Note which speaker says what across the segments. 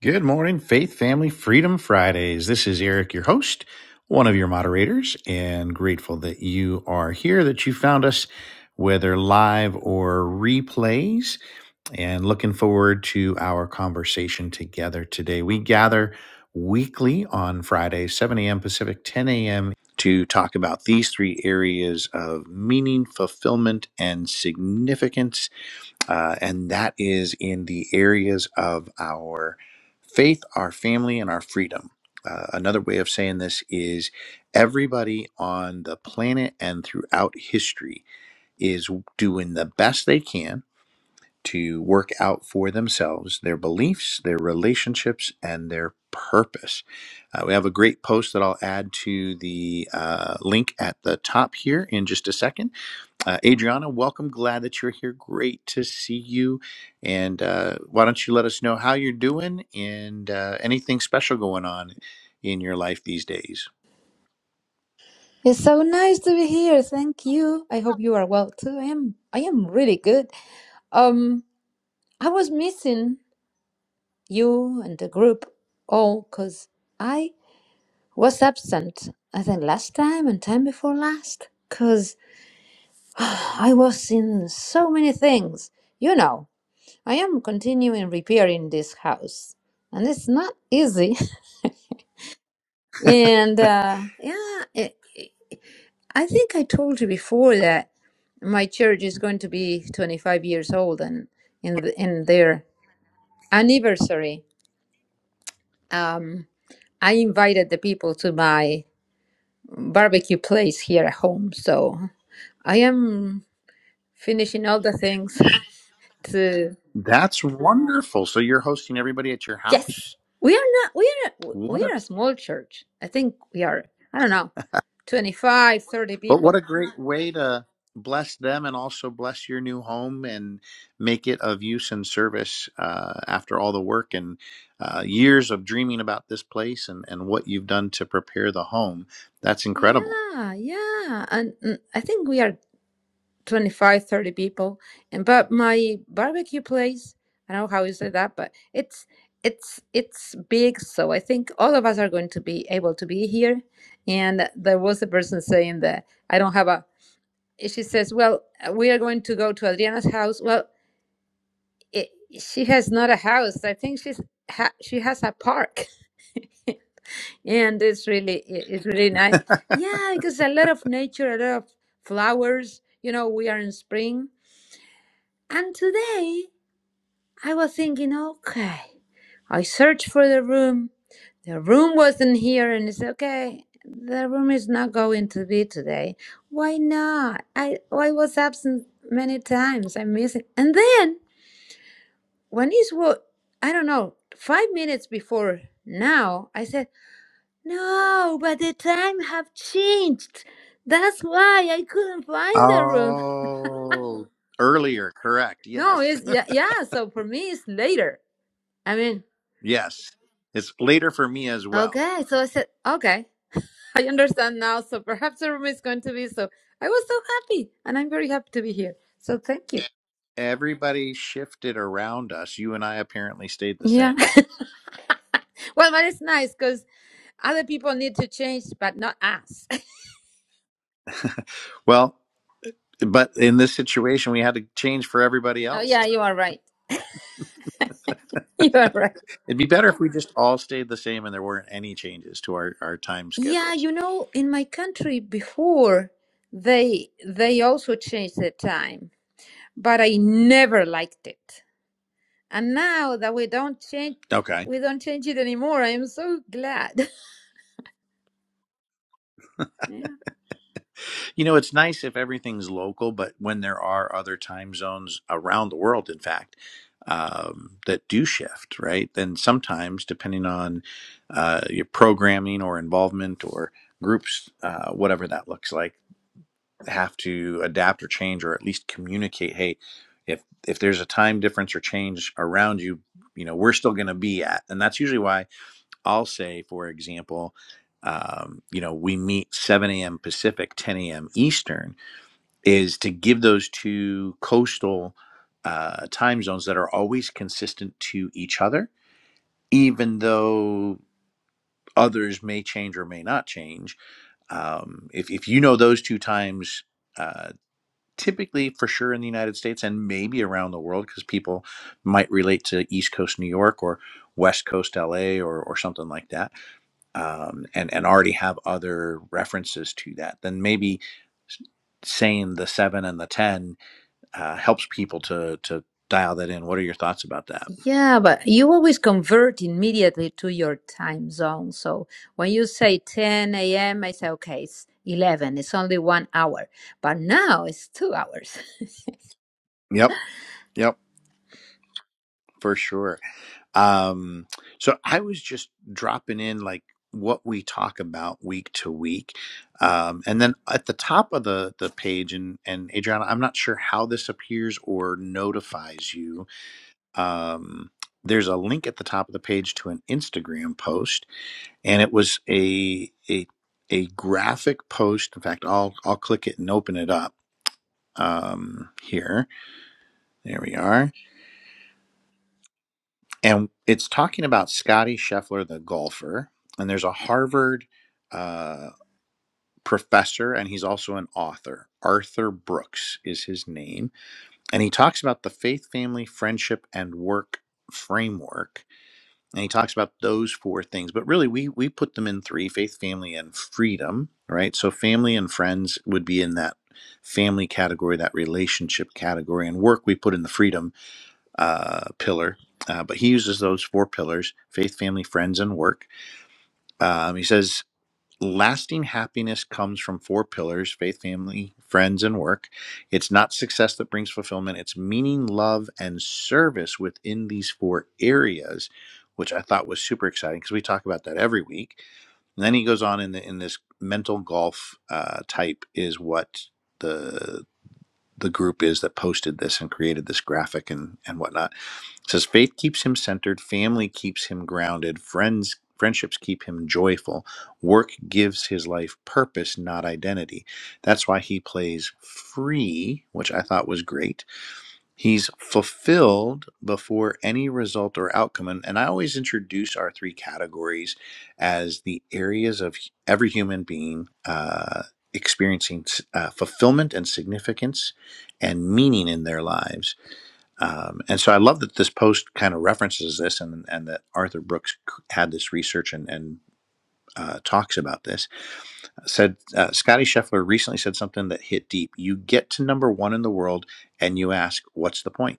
Speaker 1: Good morning, Faith Family Freedom Fridays. This is Eric, your host, one of your moderators, and grateful that you are here, that you found us, whether live or replays, and looking forward to our conversation together today. We gather weekly on Friday, 7 a.m. Pacific, 10 a.m. to talk about these three areas of meaning, fulfillment, and significance uh, and that is in the areas of our faith, our family, and our freedom. Uh, another way of saying this is everybody on the planet and throughout history is doing the best they can to work out for themselves their beliefs, their relationships, and their purpose. Uh, we have a great post that I'll add to the uh, link at the top here in just a second uh, Adriana, welcome. Glad that you're here. Great to see you. And uh, why don't you let us know how you're doing and uh, anything special going on in your life these days?
Speaker 2: It's so nice to be here. Thank you. I hope you are well too. I am I am really good. Um I was missing you and the group all cuz I was absent. I think last time and time before last cuz I was in so many things. You know, I am continuing repairing this house and it's not easy. And uh yeah, I think I told you before that my church is going to be 25 years old, and in the, in their anniversary, um, I invited the people to my barbecue place here at home. So I am finishing all the things to.
Speaker 1: That's wonderful. So you're hosting everybody at your
Speaker 2: Yes,
Speaker 1: house.
Speaker 2: we are not. We are. We
Speaker 1: What a
Speaker 2: are a small church. I think we are. I don't know, 25, 30
Speaker 1: but what
Speaker 2: people.
Speaker 1: a great way to bless them and also bless your new home and make it of use and service uh, after all the work and uh, years of dreaming about this place and and what you've done to prepare the home. That's incredible.
Speaker 2: Yeah, yeah, and mm, I think we are 25, 30 people and but my barbecue place i don't know how you say that but it's it's it's big so i think all of us are going to be able to be here and there was a person saying that i don't have a she says well we are going to go to adriana's house well it, she has not a house i think she's ha, she has a park and it's really i- it's really nice yeah because a lot of nature a lot of flowers you know we are in spring and today I was thinking, okay. I searched for the room. The room wasn't here, and it's okay. The room is not going to be today. Why not? I I was absent many times. I miss it. And then when it's what I don't know, five minutes before now, I said no, but the time have changed. That's why I couldn't find the room.
Speaker 1: Oh, earlier, correct.
Speaker 2: No,
Speaker 1: Yes.
Speaker 2: it's yeah, yeah. So for me, it's later. I mean,
Speaker 1: Yes. It's later for me as well.
Speaker 2: okay. So I said okay. I understand now. So perhaps the room is going to be so. I was so happy, and I'm very happy to be here. So thank you.
Speaker 1: Everybody shifted around us. You and I apparently stayed the
Speaker 2: Yeah.
Speaker 1: same.
Speaker 2: Well, but it's nice because other people need to change, but not us.
Speaker 1: Well, but in this situation, we had to change for everybody
Speaker 2: Oh,
Speaker 1: else.
Speaker 2: yeah, you are right. You are right.
Speaker 1: It'd be better if we just all stayed the same and there weren't any changes to our, our time
Speaker 2: Yeah,
Speaker 1: schedules.
Speaker 2: you know, in my country before, they they also changed the time, but I never liked it. And now that we don't change,
Speaker 1: Okay.
Speaker 2: we don't change it anymore. I am so glad. Yeah.
Speaker 1: You know, it's nice if everything's local, but when there are other time zones around the world, in fact, um, that do shift, right? Then sometimes, depending on uh, your programming or involvement or groups, uh, whatever that looks like, have to adapt or change or at least communicate. Hey, if if there's a time difference or change around you, you know, we're still going to be at, and that's usually why I'll say, for example. Um, you know, we meet 7 a.m. Pacific, 10 a.m. Eastern, is to give those two coastal uh, time zones that are always consistent to each other, even though others may change or may not change. Um, if, if you know those two times, uh, typically for sure in the United States and maybe around the world, because people might relate to East Coast New York or West Coast LA or, or something like that, um, and, and already have other references to that, then maybe s- saying the seven and the 10 uh, helps people to to dial that in. What are your thoughts about that?
Speaker 2: Yeah, but you always convert immediately to your time zone. So when you say 10 a.m., I say, okay, it's 11. It's only one hour. But now it's two hours.
Speaker 1: Yep. Yep. For sure. Um, so I was just dropping in like what we talk about week to week. Um, and then at the top of the, the page and, and Adriana, I'm not sure how this appears or notifies you. Um, there's a link at the top of the page to an Instagram post and it was a, a, a graphic post. In fact, I'll, I'll click it and open it up um, here. There we are. And it's talking about Scotty Scheffler, the golfer. And there's a Harvard uh, professor, and he's also an author. Arthur Brooks is his name. And he talks about the faith, family, friendship, and work framework. And he talks about those four things. But really, we, we put them in three faith, family, and freedom, right? So, family and friends would be in that family category, that relationship category, and work we put in the freedom uh, pillar, uh, but he uses those four pillars faith, family, friends, and work. Um, he says, Lasting happiness comes from four pillars faith, family, friends, and work. It's not success that brings fulfillment, it's meaning, love, and service within these four areas, which I thought was super exciting because we talk about that every week. And then he goes on in, the, in this mental golf uh, type, is what the the group is that posted this and created this graphic and, and whatnot it says faith keeps him centered, family keeps him grounded, friends friendships keep him joyful, work gives his life purpose, not identity. That's why he plays free, which I thought was great. He's fulfilled before any result or outcome. And, and I always introduce our three categories as the areas of every human being uh, experiencing uh, fulfillment and significance and meaning in their lives um, and so I love that this post kind of references this and, and that Arthur Brooks c- had this research and, and uh, talks about this. Said uh, Scotty Scheffler recently said something that hit deep. You get to number one in the world and you ask, what's the point?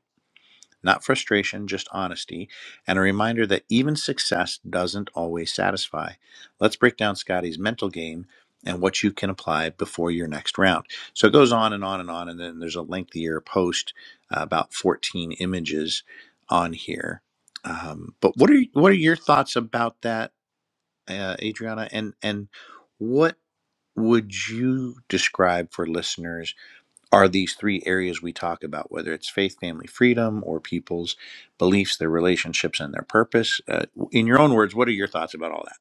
Speaker 1: Not frustration, just honesty, and a reminder that even success doesn't always satisfy. Let's break down Scotty's mental game and what you can apply before your next round. So it goes on and on and on, and then there's a lengthier post, uh, about 14 images on here. Um, but what are what are your thoughts about that, uh, Adriana? And and what would you describe for listeners? are these three areas we talk about, whether it's faith, family, freedom, or people's beliefs, their relationships, and their purpose. Uh, in your own words, what are your thoughts about all that?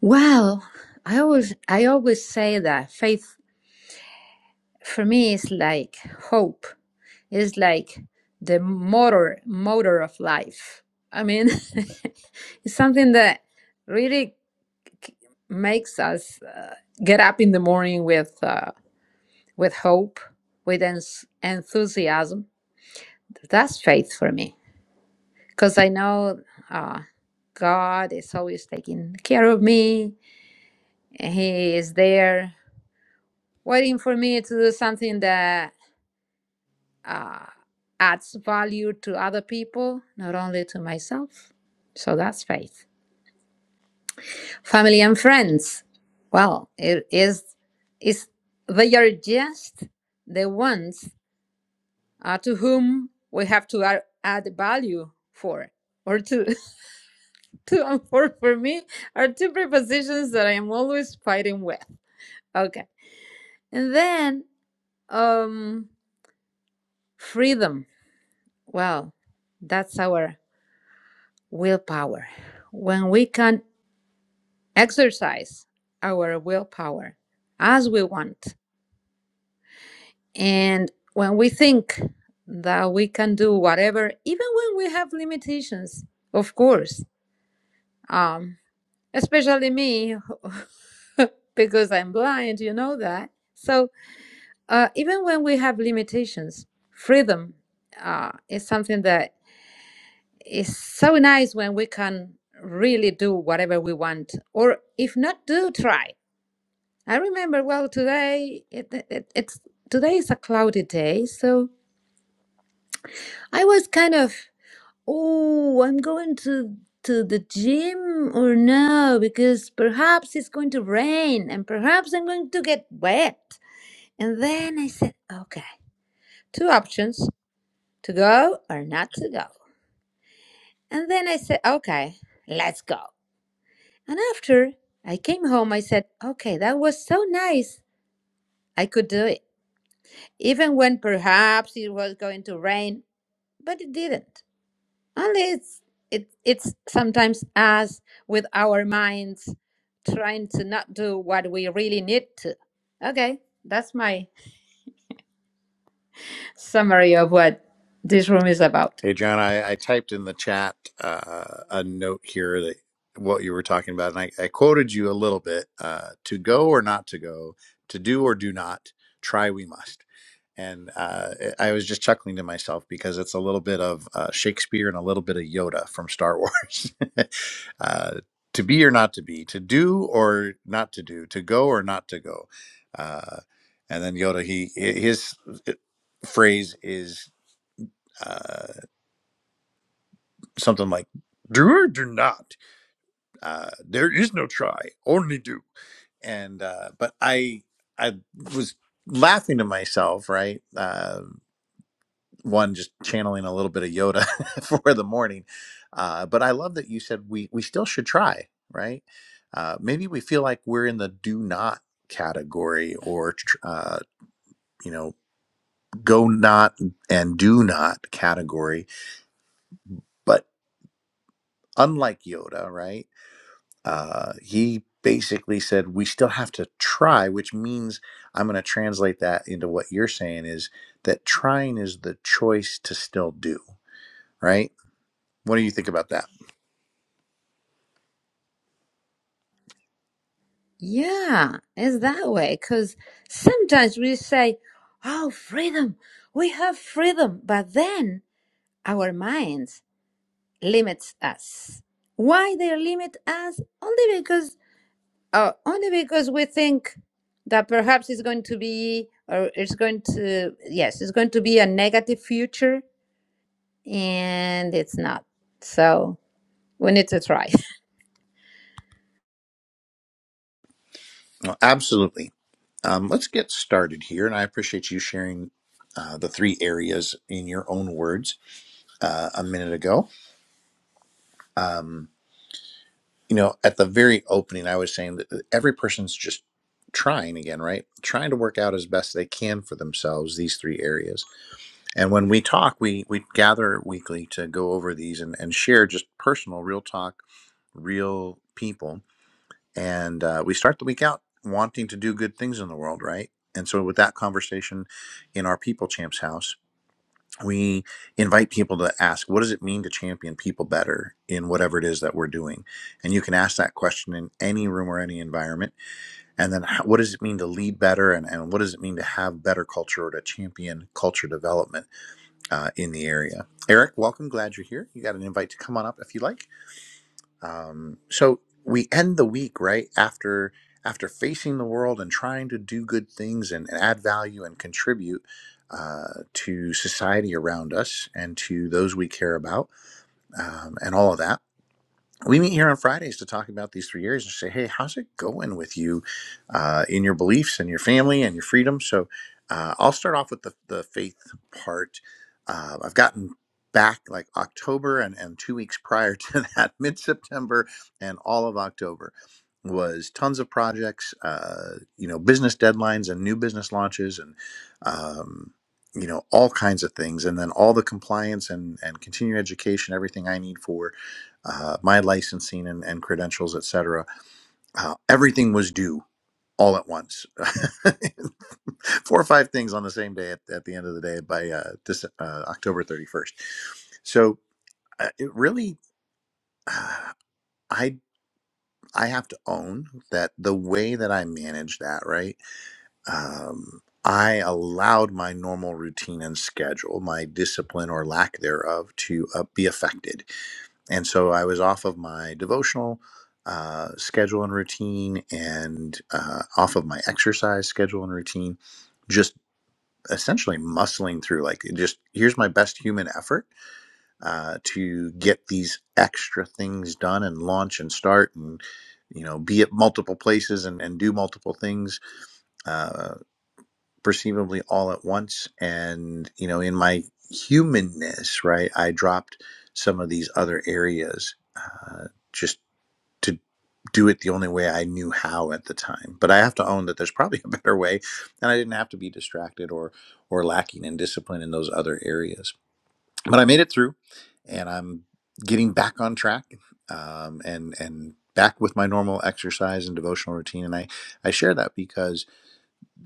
Speaker 2: Well, I always, I always say that faith for me is like hope. It's like the motor, motor of life. I mean, it's something that really makes us uh, get up in the morning with. uh, with hope, with ens enthusiasm. That's faith for me because I know uh, God is always taking care of me. He is there waiting for me to do something that uh, adds value to other people, not only to myself. So that's faith. Family and friends. Well, it is is they are just the ones uh, to whom we have to add, add value for or to to um, for for me are two prepositions that i am always fighting with okay and then um freedom well that's our willpower when we can exercise our willpower as we want and when we think that we can do whatever even when we have limitations of course um. especially me because i'm blind you know that so uh, even when we have limitations freedom uh, is something that is so nice when we can really do whatever we want or if not do try i remember well today it, it, it's today is a cloudy day so i was kind of Oh, I'm going to to the gym or no, because perhaps it's going to rain and perhaps I'm going to get wet. And then I said, okay, two options, to go or not to go. And then I said, okay, let's go. And after I came home, I said, okay, that was so nice. I could do it, even when perhaps it was going to rain, but it didn't. And it's it, it's sometimes us with our minds trying to not do what we really need to. Okay, that's my summary of what this room is about.
Speaker 1: Hey, John, I, I typed in the chat uh, a note here that what you were talking about, and I, I quoted you a little bit uh, to go or not to go, to do or do not, try we must. and uh, I was just chuckling to myself because it's a little bit of uh, Shakespeare and a little bit of Yoda from Star Wars. uh, to be or not to be, to do or not to do, to go or not to go. Uh, and then Yoda, he his uh, phrase is uh, something like "Do or do not." Uh, there is no try, only do. And uh, but I I was laughing to myself, right? Uh, one just channeling a little bit of Yoda for the morning. Uh, but I love that you said we we still should try, right? Uh, maybe we feel like we're in the do not category or tr- uh, you know go not and do not category. But unlike Yoda, right? Uh, he basically said we still have to try, which means I'm going to translate that into what you're saying is that trying is the choice to still do, right? What do you think about that?
Speaker 2: Yeah, it's that way because sometimes we say, "Oh, freedom, we have freedom," but then our minds limits us. Why they limit us? Only because Oh, only because we think that perhaps it's going to be, or it's going to, yes, it's going to be a negative future, and it's not. So we need to try.
Speaker 1: Well, absolutely. Um, let's get started here, and I appreciate you sharing uh, the three areas in your own words uh, a minute ago. Um, you know, at the very opening, I was saying that uh, every person's just trying again, right? Trying to work out as best they can for themselves these three areas. And when we talk, we we gather weekly to go over these and, and share just personal, real talk, real people and uh, we start the week out wanting to do good things in the world, right? And so, with that conversation in our People Champs house, we invite people to ask, what does it mean to champion people better in whatever it is that we're doing? And you can ask that question in any room or any environment. And then, how, what does it mean to lead better? And, and what does it mean to have better culture or to champion culture development uh, in the area? Eric, welcome. Glad you're here. You got an invite to come on up if you like um, so we end the week right after after facing the world and trying to do good things and, and add value and contribute uh, to society around us and to those we care about um, and all of that we meet here on Fridays to talk about these three areas and say, hey, how's it going with you uh, in your beliefs and your family and your freedom? So uh, I'll start off with the, the faith part. Uh, I've gotten back like October and, and two weeks prior to that, mid September and all of October was tons of projects, uh, you know, business deadlines and new business launches and, um, you know, all kinds of things. And then all the compliance and, and continuing education, everything I need for uh, my licensing and, and credentials, et cetera. Uh, everything was due all at once. Four or five things on the same day at, at the end of the day by uh, this, uh, October 31st. So uh, it really, uh, I, I have to own that the way that I manage that, right? Um, I allowed my normal routine and schedule, my discipline or lack thereof, to uh, be affected and so I was off of my devotional uh, schedule and routine, and uh, off of my exercise schedule and routine, just essentially muscling through. Like, just here's my best human effort uh, to get these extra things done and launch and start and you know be at multiple places and, and do multiple things uh, perceivably all at once. And you know, in my humanness, right, I dropped some of these other areas. Uh, just to do it the only way I knew how at the time. But I have to own that there's probably a better way, and I didn't have to be distracted or or lacking in discipline in those other areas. But I made it through, and I'm getting back on track, um, and and back with my normal exercise and devotional routine. And I I share that because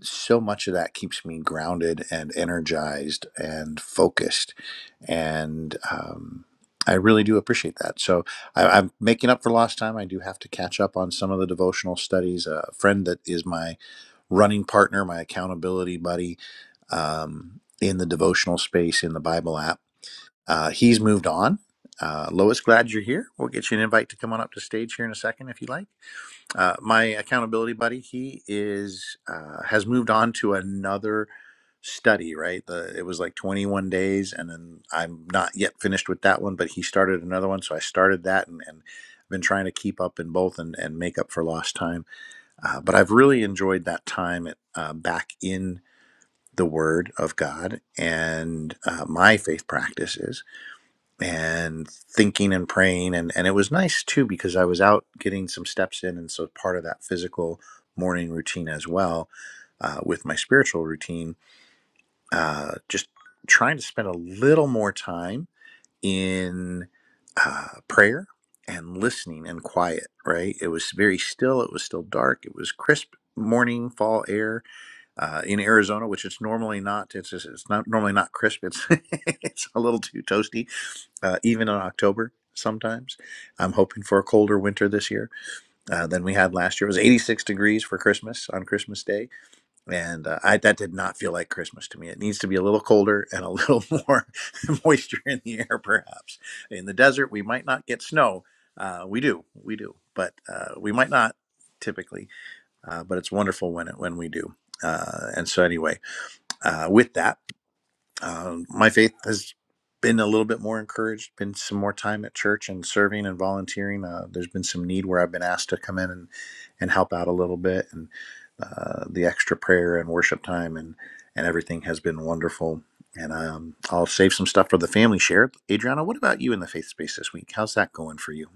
Speaker 1: so much of that keeps me grounded and energized and focused. And um, I really do appreciate that. So I, I'm making up for lost time. I do have to catch up on some of the devotional studies. A friend that is my running partner, my accountability buddy um, in the devotional space in the Bible app, uh, he's moved on. Uh, Lois, glad you're here. We'll get you an invite to come on up to stage here in a second if you like. Uh, my accountability buddy, he is uh, has moved on to another study. Right, the, it was like 21 days, and then I'm not yet finished with that one, but he started another one, so I started that, and, and I've been trying to keep up in both and, and make up for lost time. Uh, but I've really enjoyed that time at, uh, back in the Word of God and uh, my faith practices and thinking and praying and and it was nice too because I was out getting some steps in and so part of that physical morning routine as well uh, with my spiritual routine uh, just trying to spend a little more time in uh, prayer and listening and quiet right it was very still it was still dark it was crisp morning fall air uh, in Arizona which it's normally not it's it's not normally not crisp it's it's a little too toasty uh, even in October sometimes. I'm hoping for a colder winter this year uh, than we had last year. It was 86 degrees for Christmas on Christmas Day, and uh, I, that did not feel like Christmas to me. It needs to be a little colder and a little more moisture in the air, perhaps. In the desert, we might not get snow. Uh, we do, we do, but uh, we might not typically. Uh, but it's wonderful when it when we do. Uh, and so anyway, uh, with that. Uh, my faith has been a little bit more encouraged, been some more time at church and serving and volunteering. Uh, there's been some need where I've been asked to come in and, and help out a little bit, and uh, the extra prayer and worship time and, and everything has been wonderful. And um, I'll save some stuff for the family share. Adriana, what about you in the faith space this week? How's that going for you?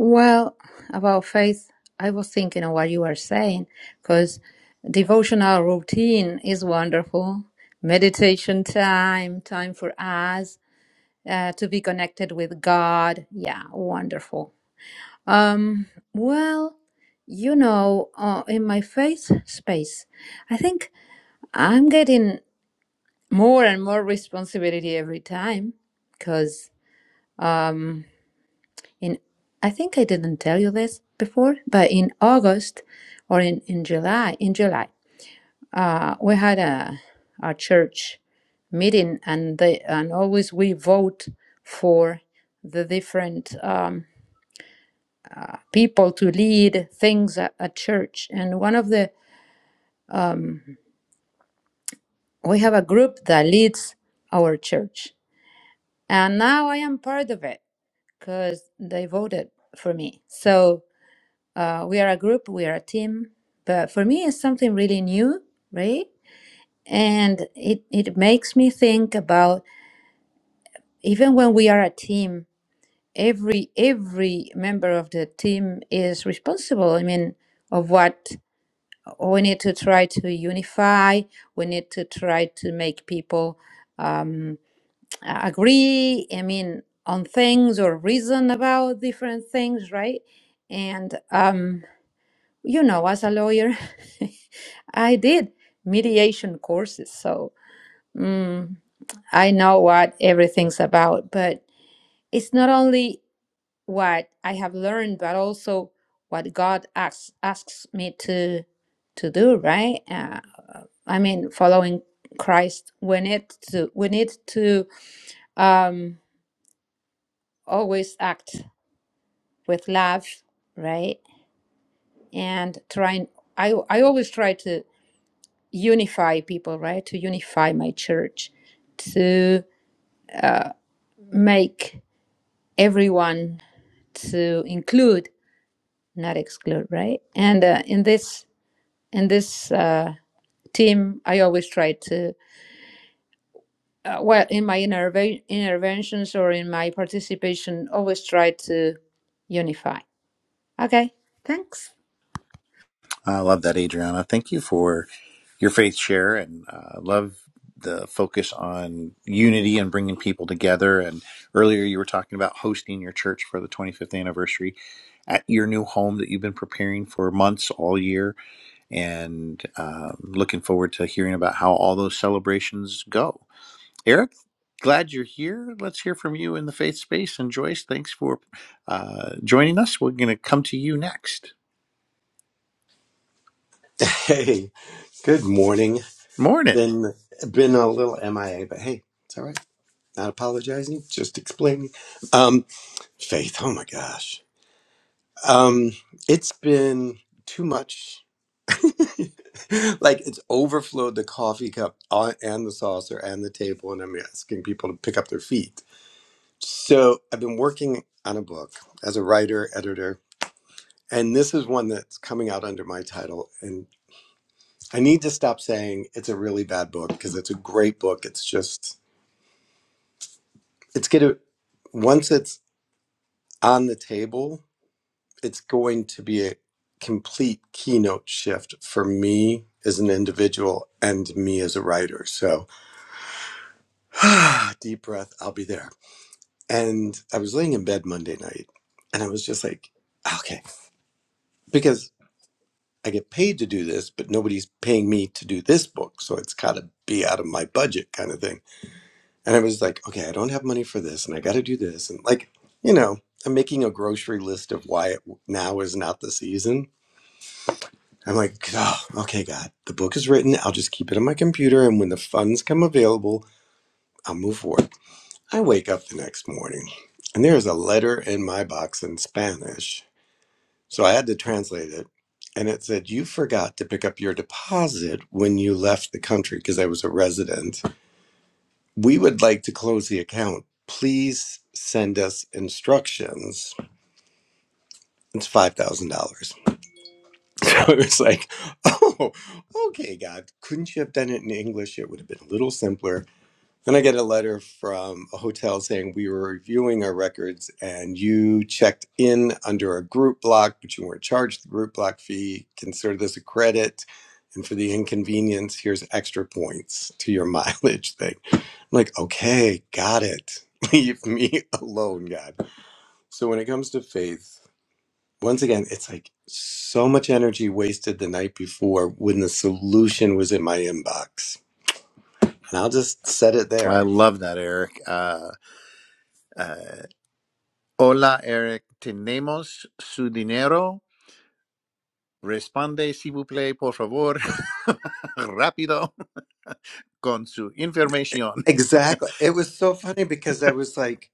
Speaker 2: Well, about faith, I was thinking of what you were saying, because devotional routine is wonderful. Meditation time, time for us uh, to be connected with God. Yeah, wonderful Um, well, you know, uh, in my faith space, I think I'm getting more and more responsibility every time because um, in I think I didn't tell you this before, but in August or in, in July, in July, uh, we had a, a church meeting and they, and always we vote for the different um, people to lead things at, at church. And one of the um, we have a group that leads our church and now i am part of it because they voted for me so uh, we are a group we are a team but for me it's something really new right and it, it makes me think about even when we are a team every every member of the team is responsible i mean of what we need to try to unify we need to try to make people um, uh, agree i mean on things or reason about different things right and um you know as a lawyer i did mediation courses so mm, i know what everything's about but it's not only what i have learned but also what god asks asks me to to do right uh, i mean following christ we need to we need to um always act with love, right? And trying, I, I always try to unify people, right? To unify my church, to uh, make everyone to include, not exclude, right? And uh, in this in this uh, team, I always try to. Uh, well, in my interve- interventions or in my participation, always try to unify. Okay, thanks.
Speaker 1: I love that, Adriana. Thank you for your faith share and uh, love the focus on unity and bringing people together. And earlier you were talking about hosting your church for the 25th anniversary at your new home that you've been preparing for months all year. And uh, looking forward to hearing about how all those celebrations go. Eric, glad you're here. Let's hear from you in the faith space. And Joyce, thanks for uh, joining us. We're going to come to you next.
Speaker 3: Hey, good morning.
Speaker 1: Morning.
Speaker 3: Been been a little MIA, but hey, it's all right. Not apologizing, just explaining. Um, Faith, oh my gosh. Um, it's been too much. like it's overflowed the coffee cup on- and the saucer and the table, and I'm asking people to pick up their feet. So I've been working on a book as a writer, editor, and this is one that's coming out under my title. I need to stop saying it's a really bad book because it's a great book. It's just it's gonna once it's on the table, it's going to be a complete keynote shift for me as an individual and me as a writer. So deep breath, I'll be there. And I was laying in bed Monday night and I was just like, okay, because I get paid to do this, but nobody's paying me to do this book. So it's got to be out of my budget kind of thing. And I was like, okay, I don't have money for this and I got to do this. And like, you know, I'm making a grocery list of why it, now is not the season. I'm like, oh, okay, God, the book is written. I'll just keep it on my computer. And when the funds come available, I'll move forward. I wake up the next morning and there is a letter in my box in Spanish. So I had to translate it. And it said, you forgot to pick up your deposit when you left the country because I was a resident We would like to close the account. Please send us instructions. It's five thousand dollars. So it was like, oh, okay, God, couldn't you have done it in English? It would have been a little simpler. Then I get a letter from a hotel saying we were reviewing our records and you checked in under a group block, but you weren't charged the group block fee. Consider this a credit. And for the inconvenience, here's extra points to your mileage thing. I'm like, okay, got it. Leave me alone, God. So when it comes to faith, once again, it's like so much energy wasted the night before when the solution was in my inbox. And I'll just set it
Speaker 1: I
Speaker 3: there.
Speaker 1: love that, Eric. Uh, uh, hola, Eric. Tenemos su dinero. Responde, si vous plaît, por favor. Rápido con su información.
Speaker 3: Exactly. It was so funny because I was like,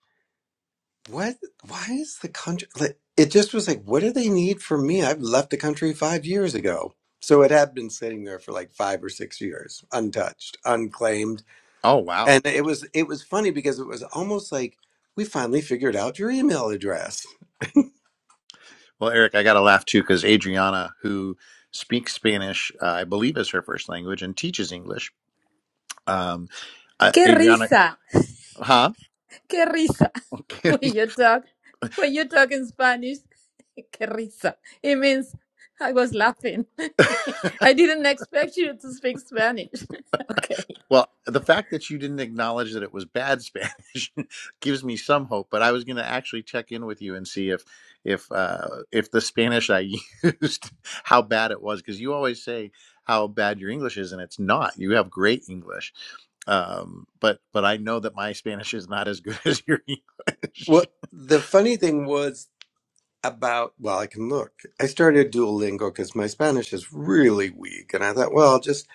Speaker 3: what? Why is the country? Like, it just was like, what do they need from me? I've left the country five years ago. So it had been sitting there for like five or six years, untouched, unclaimed.
Speaker 1: Oh, wow.
Speaker 3: And it was it was funny because it was almost like we finally figured out your email address.
Speaker 1: Well, Eric, I got to laugh too because Adriana, who speaks Spanish, uh, I believe is her first language and teaches English. Um, uh,
Speaker 2: ¡Qué
Speaker 1: Adriana,
Speaker 2: risa!
Speaker 1: huh?
Speaker 2: Qué risa. When
Speaker 1: Okay.
Speaker 2: you talk, when you talk in Spanish, qué risa. It means I was laughing. I didn't expect you to speak Spanish. okay.
Speaker 1: Well, the fact that you didn't acknowledge that it was bad Spanish gives me some hope. But I was going to actually check in with you and see if if uh, if the Spanish I used how bad it was because you always say how bad your English is, and it's not. You have great English, um, but but I know that my Spanish is not as good as your English.
Speaker 3: Well, the funny thing was about well, I can look. I started Duolingo because my Spanish is really weak. And I thought, well, I'll just,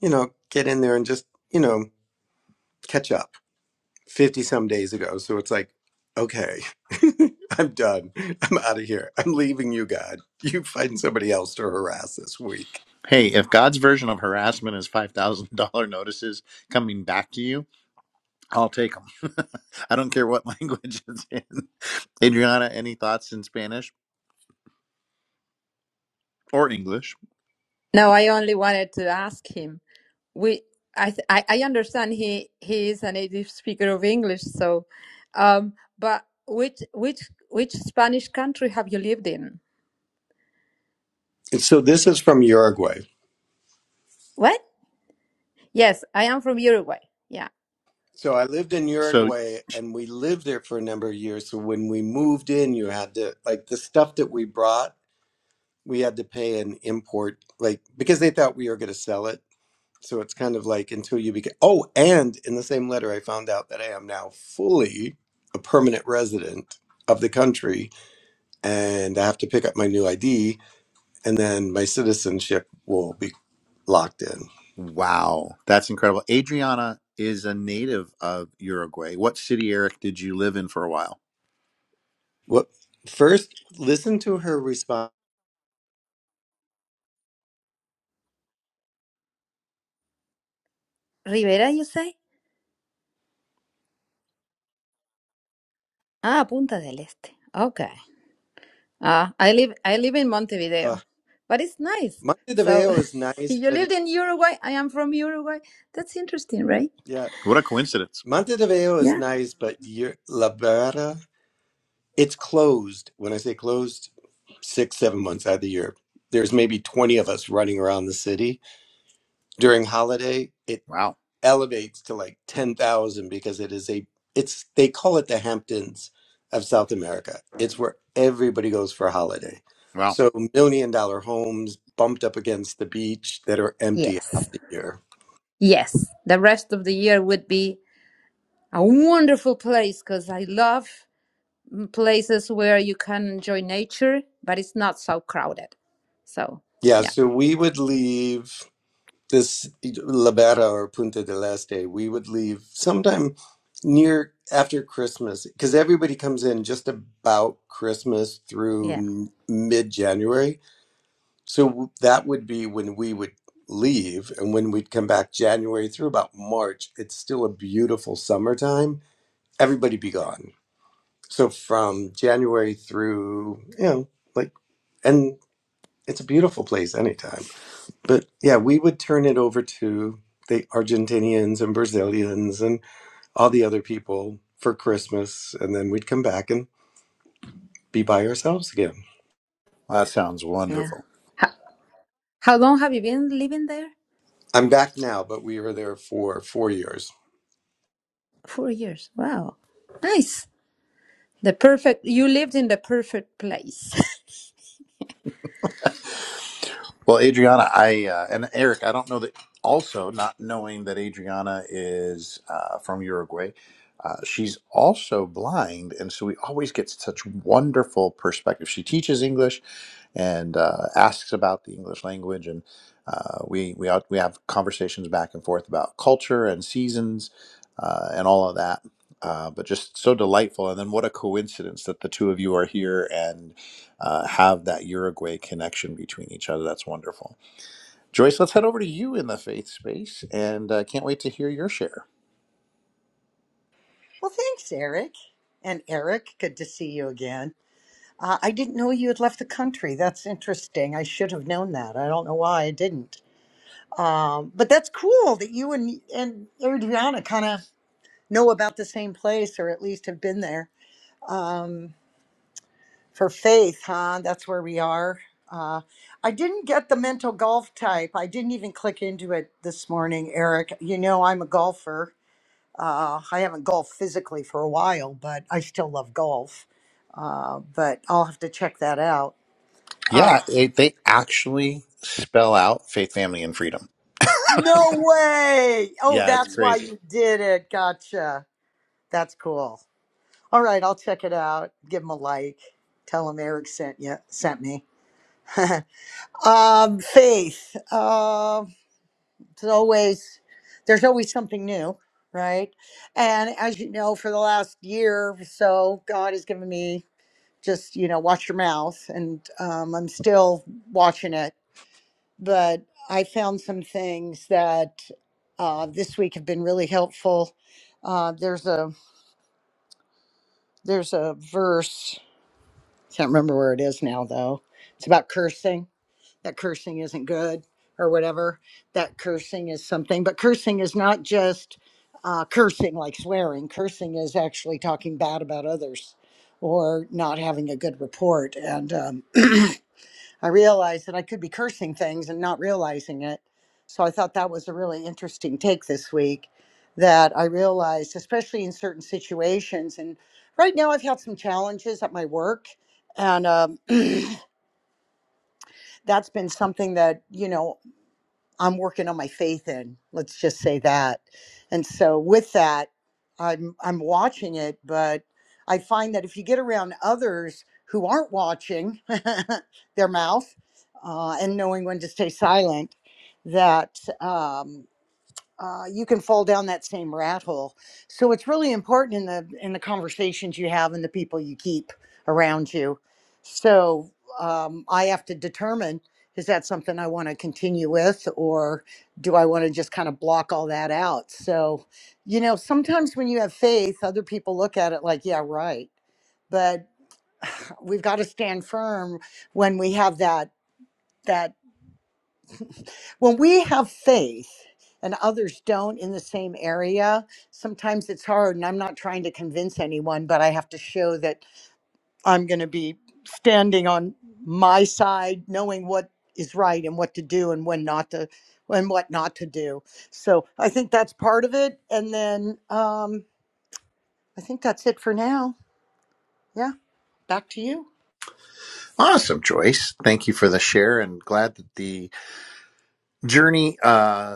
Speaker 3: you know, get in there and just, you know, catch up. 50 some days ago. So it's like, okay, I'm done. I'm out of here. I'm leaving you, God. You find somebody else to harass this week.
Speaker 1: Hey, if God's version of harassment is five thousand dollar notices coming back to you, I'll take them. I don't care what language it's in. Adriana, any thoughts in Spanish or English?
Speaker 2: No, I only wanted to ask him. We, I, th- I, I understand he he is a native speaker of English. So, um, but which which which Spanish country have you lived in?
Speaker 3: And so this is from Uruguay.
Speaker 2: What? Yes, I am from Uruguay. Yeah,
Speaker 3: So I lived in
Speaker 1: So,
Speaker 3: Uruguay and we lived there for a number of years. So when we moved in, you had to, like, the stuff that we brought, we had to pay an import, like, because they thought we were going to sell it. So it's kind of like until you became, oh, and in the same letter, I found out that I am now fully a permanent resident of the country and I have to pick up my new ID, and then my citizenship will be locked in.
Speaker 1: wow, that's incredible. Adriana is a native of Uruguay. What city, Eric, did you live in for a while?
Speaker 3: What first? Listen to her response.
Speaker 2: Rivera, you say? Ah, Punta del Este. Okay. Uh, I live I live in
Speaker 3: Uh,
Speaker 2: Montevideo, but it's nice.
Speaker 3: Monte de
Speaker 2: So
Speaker 3: Veo is nice,
Speaker 2: you
Speaker 3: but it,
Speaker 2: lived in Uruguay. I am from Uruguay. That's interesting, right?
Speaker 3: yeah,
Speaker 1: What a coincidence.
Speaker 3: Monte de Veo is
Speaker 2: Yeah.
Speaker 3: nice, but you're La Barra. it's closed. When I say closed, six seven months out of the year. There's maybe twenty of us running around the city during holiday. It.
Speaker 1: Wow.
Speaker 3: elevates to like 10,000 because it is a it's they call it the Hamptons of South America. It's where everybody goes for a holiday.
Speaker 1: Wow.
Speaker 3: So million dollar homes bumped up against the beach that are empty
Speaker 2: Yes.
Speaker 3: half the year.
Speaker 2: Yes. The rest of the year would be a wonderful place because I love mm, places where you can enjoy nature, but it's not so crowded. So
Speaker 3: Yeah,
Speaker 2: yeah,
Speaker 3: so we would leave this Libera or Punta del Este. We would leave sometime near after Christmas because everybody comes in just about Christmas
Speaker 2: yeah,
Speaker 3: through mid January So that would be when we would leave and when we'd come back January through about March. It's still a beautiful summertime. Everybody be gone. So from January through, you know, like, and it's a beautiful place anytime. But yeah, we would turn it over to the Argentinians and Brazilians and all the other people for Christmas. And then we'd come back and be by ourselves again.
Speaker 1: That sounds
Speaker 2: yeah.
Speaker 1: wonderful.
Speaker 2: How, how long have you been living there?
Speaker 3: I'm back now, but we were there for four years.
Speaker 2: Four years. Wow. Nice. The perfect. You lived in the perfect place.
Speaker 1: Well, Adriana, I uh, and Eric, I don't know that. Also, not knowing that Adriana is uh, from Uruguay, uh, she's also blind, and so we always get such wonderful perspective. She teaches English and uh, asks about the English language, and uh, we we out, we have conversations back and forth about culture and seasons uh, and all of that. Uh, but just so delightful, and then what a coincidence that the two of you are here, and uh, have that Uruguay connection between each other. That's wonderful. Joyce, let's head over to you in the faith space, and uh, can't wait to hear your share.
Speaker 4: Well, thanks, Eric. And Eric, good to see you again. Uh, I didn't know you had left the country. That's interesting. I should have known that. I don't know why I didn't. Um, but that's cool that you and and Adriana kind of know about the same place, or at least have been there for faith, huh? That's where we are. Uh, I didn't get the mental golf type. I didn't even click into it this morning, Eric. You know, I'm a golfer. Uh, I haven't golfed physically for a while, but I still love golf Uh, but I'll have to check that out. Uh,
Speaker 1: Yeah, it, they actually spell out faith, family, and freedom.
Speaker 4: no way! Oh,
Speaker 1: Yeah, it's
Speaker 4: that's why
Speaker 1: crazy.
Speaker 4: you did it. Gotcha. That's cool. All right, I'll check it out. Give him a like. Tell him Eric sent you sent me. um, faith. Um, it's always there's always something new, right? And as you know, for the last year or so, God has given me just you know watch your mouth, and um, I'm still watching it but I found some things that uh, this week have been really helpful. Uh, there's a there's a verse can't remember where it is now though. It's about cursing that cursing isn't good or whatever that cursing is something, but cursing is not just uh, cursing like swearing. Cursing is actually talking bad about others or not having a good report and. Um, I realized that I could be cursing things and not realizing it. So I thought that was a really interesting take this week that I realized, especially in certain situations. And right now, I've had some challenges at my work. And um, that's been something that, you know, I'm working on my faith in. Let's just say that. And so with that, I'm I'm watching it, but I find that if you get around others who aren't watching their mouth uh, and knowing when to stay silent, that um, uh, you can fall down that same rat hole. So it's really important in the in the conversations you have and the people you keep around you. So um, I have to determine is that something I want to continue with, or do I want to just kind of block all that out? So, you know, sometimes when you have faith, other people look at it like, yeah, right. But we've got to stand firm when we have that that when we have faith and others don't in the same area, sometimes it's hard. And I'm not trying to convince anyone, but I have to show that I'm going to be standing on my side, knowing what is right and what to do and when not to and what not to do. So I think that's part of it. And then um, I think that's it for now. Yeah, back to you.
Speaker 1: Awesome, Joyce. Thank you for the share, and glad that the journey. Uh,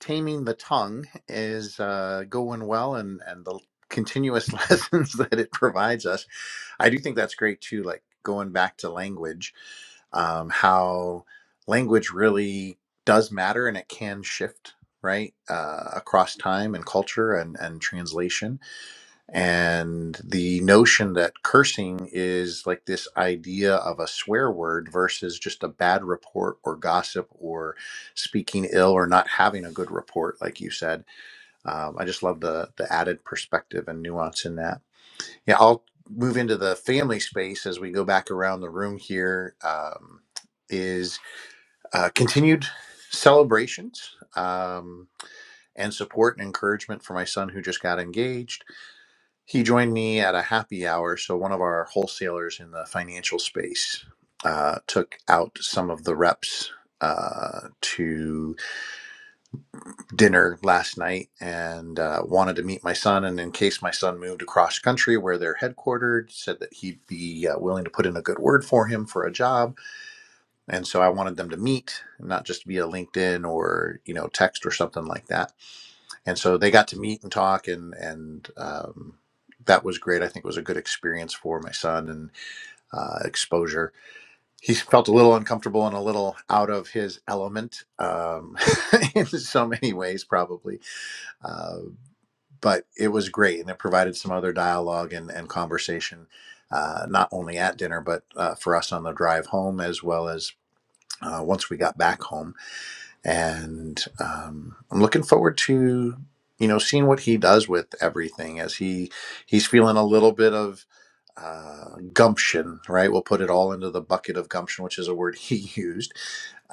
Speaker 1: taming the tongue is uh, going well and and the continuous lessons that it provides us i do think that's great too like going back to language um, how language really does matter and it can shift right uh, across time and culture and and translation and the notion that cursing is like this idea of a swear word versus just a bad report or gossip or speaking ill or not having a good report like you said um, i just love the the added perspective and nuance in that yeah i'll move into the family space as we go back around the room here um, is uh, continued celebrations um, and support and encouragement for my son who just got engaged he joined me at a happy hour. So, one of our wholesalers in the financial space uh, took out some of the reps uh, to dinner last night and uh, wanted to meet my son. And in case my son moved across country where they're headquartered, said that he'd be uh, willing to put in a good word for him for a job. And so, I wanted them to meet, not just via LinkedIn or, you know, text or something like that and so they got to meet and talk and and um, that was great i think it was a good experience for my son and uh, exposure he felt a little uncomfortable and a little out of his element um, in so many ways probably uh, but it was great and it provided some other dialogue and, and conversation uh, not only at dinner but uh, for us on the drive home as well as uh, once we got back home and um, I'm looking forward to you know seeing what he does with everything as he he's feeling a little bit of uh, gumption, right? We'll put it all into the bucket of gumption, which is a word he used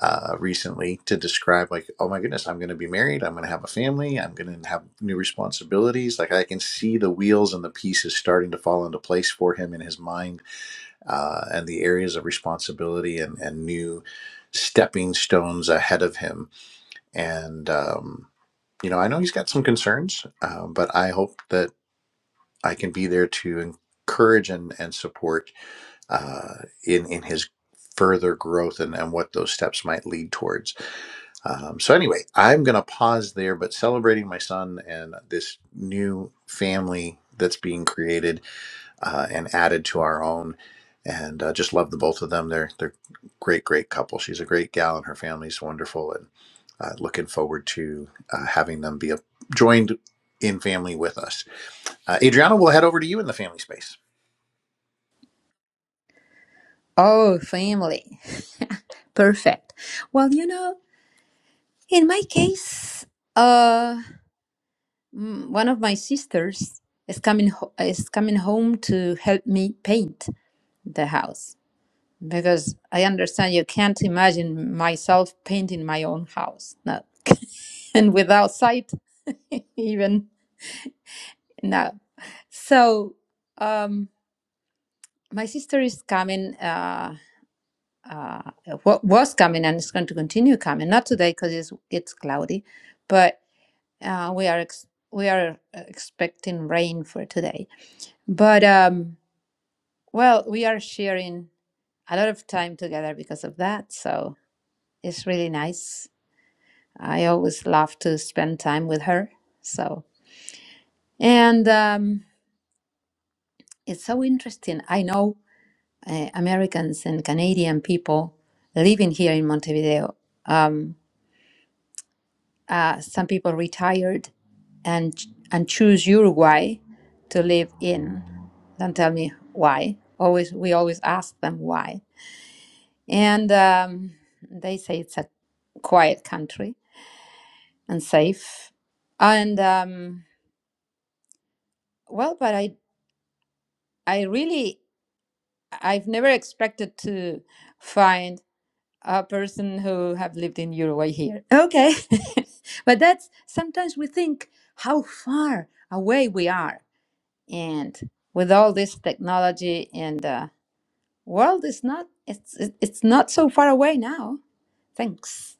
Speaker 1: uh, recently to describe like, oh my goodness, I'm going to be married, I'm going to have a family, I'm going to have new responsibilities. Like I can see the wheels and the pieces starting to fall into place for him in his mind uh, and the areas of responsibility and and new stepping stones ahead of him and um, you know, I know he's got some concerns, uh, but I hope that I can be there to encourage and and support uh, in in his further growth and, and what those steps might lead towards. Um, so anyway, I'm going to pause there, but celebrating my son and this new family that's being created uh, and added to our own. And uh, just love the both of them. They're they're great, great couple. She's a great gal, and her family's wonderful. And uh, looking forward to uh, having them be a, joined in family with us. Uh, Adriana, we'll head over to you in the family space.
Speaker 2: Oh, family. Perfect. Well, you know, in my case, uh, mm, one of my sisters is coming ho- is coming home to help me paint the house because I understand you can't imagine myself painting my own house. No. And without sight, even no. So, um, my sister is coming. Uh, uh, what was coming and it's going to continue coming. Not today because it's it's cloudy, but uh, we are ex- we are uh, expecting rain for today. But um, well, we are sharing a lot of time together because of that. So it's really nice. I always love to spend time with her. So and um, it's so interesting. I know uh, Americans and Canadian people living here in Montevideo. Um, uh, some people retired and and choose Uruguay to live in. Don't tell me why. Always we always ask them why, and um, they say it's a quiet country and safe. And um, well, but I I really I've never expected to find a person who have lived in Uruguay here. Okay, but that's sometimes we think how far away we are and with all this technology and the world is not it's it- it's not so far away now thanks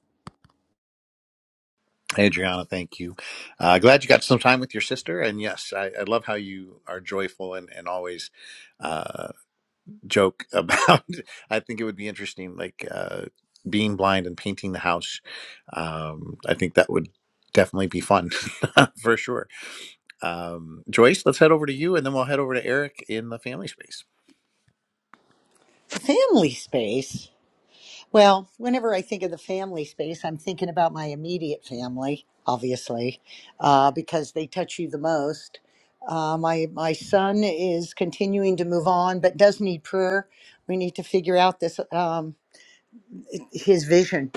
Speaker 1: Adriana, thank you. Uh, glad you got some time with your sister. And yes, I, I love how you are joyful and, and always. joke about i think it would be interesting like uh being blind and painting the house um i think that would definitely be fun for sure um joyce let's head over to you and then we'll head over to eric in the family space
Speaker 4: family space. Well, whenever I think of the family space, I'm thinking about my immediate family, obviously, uh, because they touch you the most. Uh, my my son is continuing to move on, but does need prayer. We need to figure out this. Um, his vision.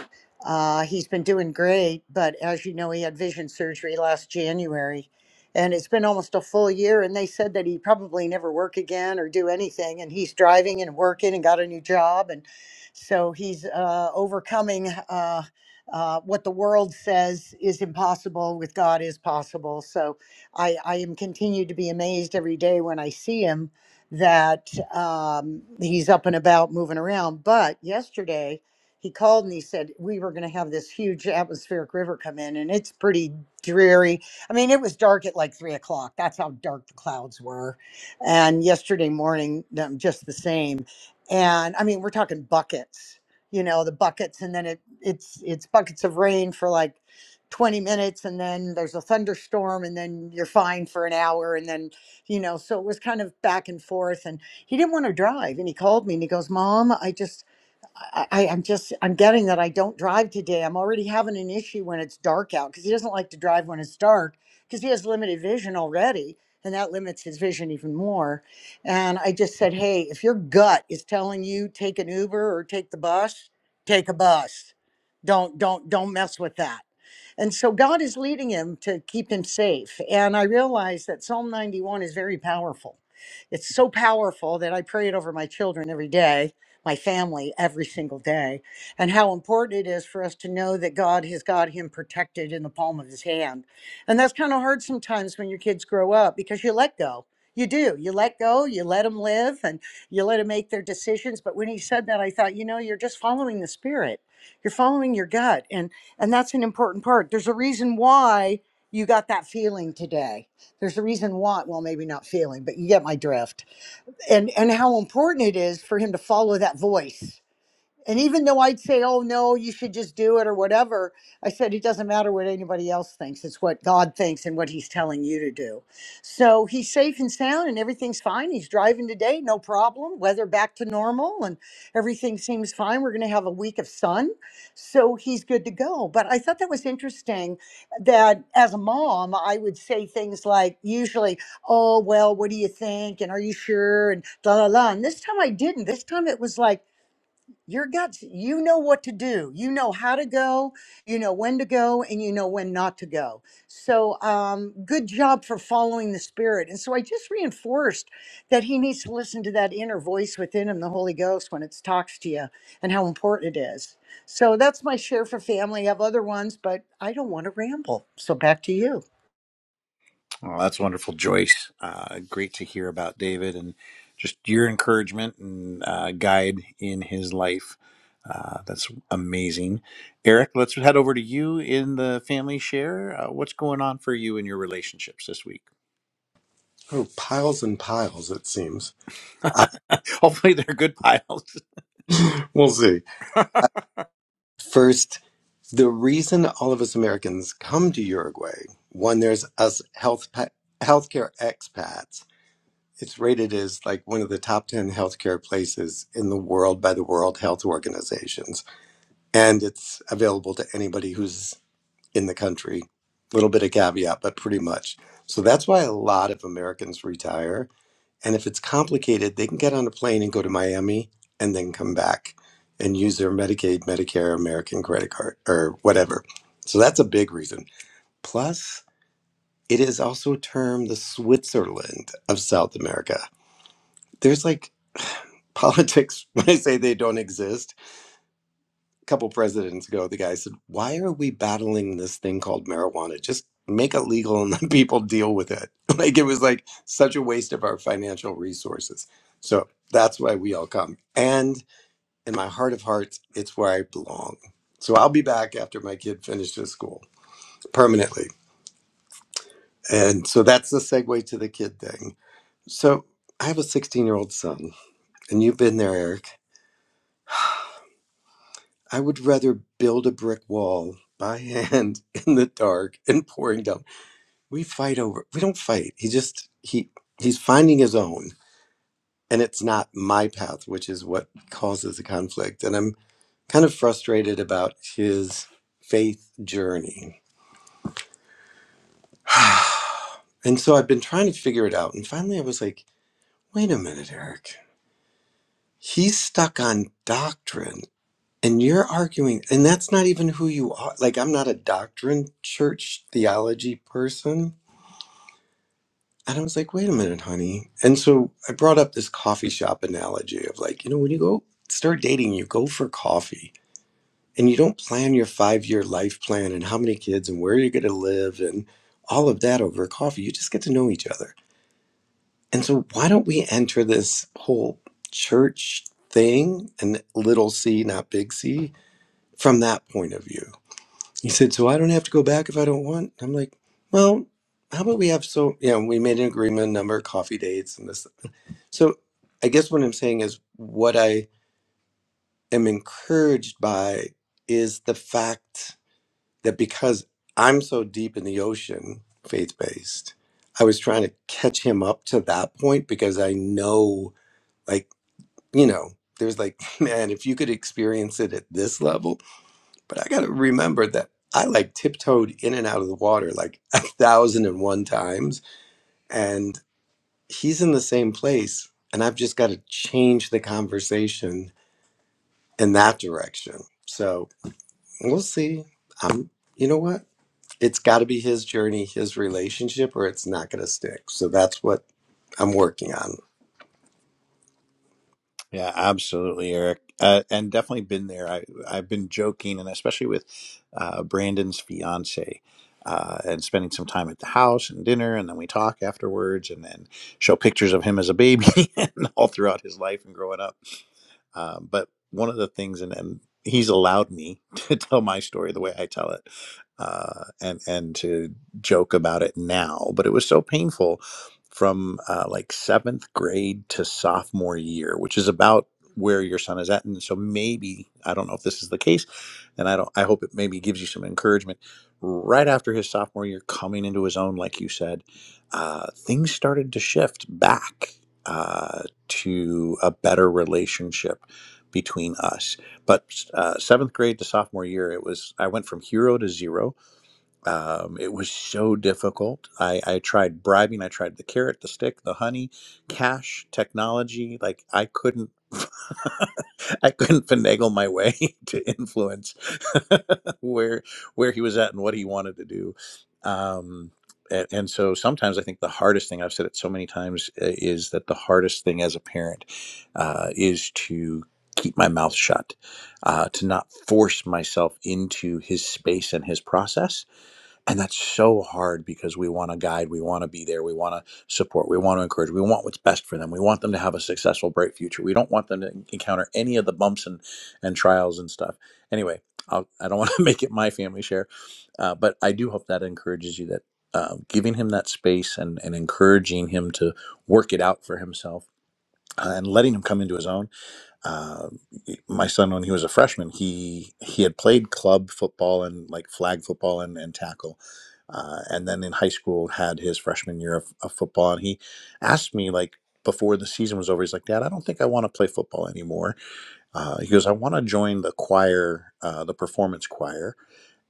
Speaker 4: Uh, he's been doing great, but as you know, he had vision surgery last January, and it's been almost a full year. And they said that he'd probably never work again or do anything. And he's driving and working and got a new job, and so he's uh, overcoming uh, uh, what the world says is impossible with God is possible. So I, I am continued to be amazed every day when I see him that um, he's up and about moving around. But yesterday, he called and he said we were going to have this huge atmospheric river come in and it's pretty dreary i mean it was dark at like three o'clock that's how dark the clouds were and yesterday morning um, just the same and i mean we're talking buckets you know the buckets and then it it's it's buckets of rain for like 20 minutes and then there's a thunderstorm and then you're fine for an hour and then you know so it was kind of back and forth and he didn't want to drive and he called me and he goes mom i just I, I- I'm just, I'm getting that I don't drive today. I'm already having an issue when it's dark out because he doesn't like to drive when it's dark because he has limited vision already. And that limits his vision even more. And I just said, hey, if your gut is telling you take an Uber or take the bus, take a bus. Don't, don't, don't mess with that and so God is leading him to keep him safe. And I realize that Psalm 91 is very powerful. It's so powerful that I pray it over my children every day, my family every single day, and how important it is for us to know that God has got him protected in the palm of his hand. And that's kind of hard sometimes when your kids grow up because you let go. You do. You let go, you let them live, and you let them make their decisions. But when he said that, I thought, you know, you're just following the spirit. You're following your gut. And and that's an important part. There's a reason why you got that feeling today. There's a reason why, well, maybe not feeling, but you get my drift. And and how important it is for him to follow that voice and even though I'd say, oh, no, you should just do it or whatever, I said, it doesn't matter what anybody else thinks. It's what God thinks and what He's telling you to do. So he's safe and sound and everything's fine. He's driving today, no problem. Weather back to normal and everything seems fine. We're going to have a week of sun. So he's good to go. But I thought that was interesting that as a mom, I would say things like, usually, oh, well, what do you think? And are you sure? And la la la. And this time I didn't. This time it was like, your guts you know what to do you know how to go you know when to go and you know when not to go so um, good job for following the spirit and so i just reinforced that he needs to listen to that inner voice within him the holy ghost when it talks to you and how important it is so that's my share for family i have other ones but i don't want to ramble so back to you
Speaker 1: well that's wonderful joyce uh great to hear about david and just your encouragement and uh, guide in his life uh, that's amazing eric let's head over to you in the family share uh, what's going on for you in your relationships this week
Speaker 3: Oh, piles and piles, it seems. Uh,
Speaker 1: Hopefully, they're good piles.
Speaker 3: we'll see. First, the reason all of us Americans come to Uruguay, one, there's us health pa- healthcare expats. It's rated as like one of the top 10 healthcare places in the world by the World Health Organizations. And it's available to anybody who's in the country. Little bit of caveat, but pretty much. So that's why a lot of Americans retire And if it's complicated, they can get on a plane and go to Miami and then come back and use their Medicaid, Medicare, American credit card, or whatever. So that's a big reason. Plus, it is also termed the Switzerland of South America. There's like politics when I say they don't exist a couple presidents ago, the guy said, "Why are we battling this thing called marijuana? Just make it legal and let people deal with it." Like it was like such a waste of our financial resources. So that's why we all come. And in my heart of hearts, it's where I belong. So I'll be back after my kid finishes school permanently. And so that's the segue to the kid thing. So I have a 16 year old son, and you've been there, Eric. I would rather build a brick wall by hand in the dark and pouring down we fight over we don't fight he just he he's finding his own and it's not my path which is what causes the conflict and i'm kind of frustrated about his faith journey and so i've been trying to figure it out and finally i was like wait a minute eric he's stuck on doctrine and you're arguing and that's not even who you are like i'm not a doctrine church theology person And I was like, wait a minute, honey. And so I brought up this coffee shop analogy of like, you know, when you go start dating, you go for coffee and you don't plan your five year life plan and how many kids and where you're going to live and all of that over coffee. You just get to know each other. And so why don't we enter this whole church thing and little c, not big C, from that point of view? He said, so I don't have to go back if I don't want. I'm like, well, how about we have so, you know, we made an agreement, number of coffee dates and this so I guess what I'm saying is what I am encouraged by is the fact that because I'm so deep in the ocean, faith based, I was trying to catch him up to that point because I know, like, you know, there's like, man, if you could experience it at this level, but I got to remember that I like tiptoed in and out of the water like a thousand and one times. And he's in the same place. And I've just got to change the conversation in that direction. So we'll see. Um, you know what? It's got to be his journey, his relationship, or it's not going to stick. So that's what I'm working on.
Speaker 1: Yeah, absolutely, Eric, uh, and definitely been there. I, I've been joking, and especially with uh, Brandon's fiance, uh, and spending some time at the house and dinner, and then we talk afterwards, and then show pictures of him as a baby and all throughout his life and growing up. Um, but one of the things, and, and he's allowed me to tell my story the way I tell it, uh, and and to joke about it now. But it was so painful from uh, like seventh grade to sophomore year, which is about where your son is at. And so maybe I don't know if this is the case, and I don't. I hope it maybe gives you some encouragement. Right after his sophomore year, coming into his own, like you said, uh, things started to shift back uh, to a better relationship between us. But uh, seventh grade to sophomore year, it was I went from hero to zero. Um, it was so difficult. I, I tried bribing. I tried the carrot, the stick, the honey, cash, technology. Like I couldn't. I couldn't finagle my way to influence where where he was at and what he wanted to do. Um, and, and so sometimes I think the hardest thing I've said it so many times uh, is that the hardest thing as a parent uh, is to keep my mouth shut, uh, to not force myself into his space and his process and that's so hard because we want to guide, we want to be there, we want to support, we want to encourage, we want what's best for them. We want them to have a successful, bright future. We don't want them to encounter any of the bumps and, and trials and stuff. Anyway, I'll, I don't want to make it my family share, uh, but I do hope that encourages you that uh, giving him that space and, and encouraging him to work it out for himself uh, and letting him come into his own uh, my son when he was a freshman he he had played club football and like flag football and, and tackle uh, and then in high school had his freshman year of, of football and he asked me like before the season was over he's like dad i don't think i want to play football anymore uh, he goes i want to join the choir uh, the performance choir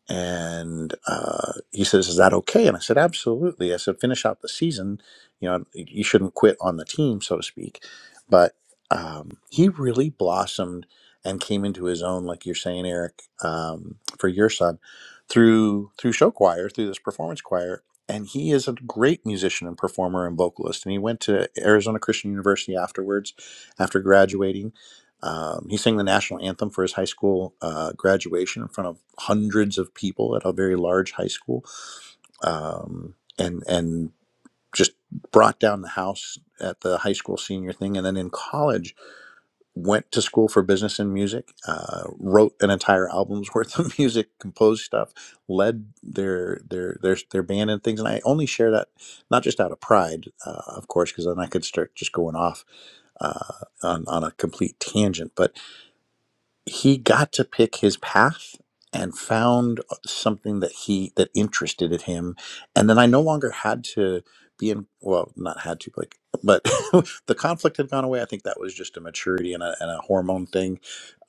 Speaker 1: and uh, he says, "Is that okay?" And I said, "Absolutely." I said, "Finish out the season. You know, you shouldn't quit on the team, so to speak." But um, he really blossomed and came into his own, like you're saying, Eric, um, for your son, through through show choir, through this performance choir. And he is a great musician and performer and vocalist. And he went to Arizona Christian University afterwards, after graduating um, he sang the national anthem for his high school uh, graduation in front of hundreds of people at a very large high school, um, and and just brought down the house at the high school senior thing. And then in college, went to school for business and music, uh, wrote an entire album's worth of music, composed stuff, led their their their their band and things. And I only share that not just out of pride, uh, of course, because then I could start just going off uh, on on a complete tangent, but he got to pick his path and found something that he that interested in him and then i no longer had to be in well not had to like but the conflict had gone away i think that was just a maturity and a, and a hormone thing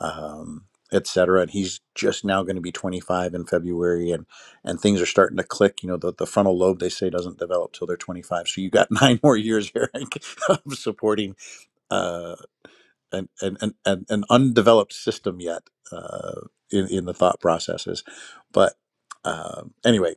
Speaker 1: um etc and he's just now going to be 25 in february and and things are starting to click you know the, the frontal lobe they say doesn't develop till they're 25 so you got nine more years eric of supporting uh an, an, an, an undeveloped system yet uh, in, in the thought processes. But um, anyway,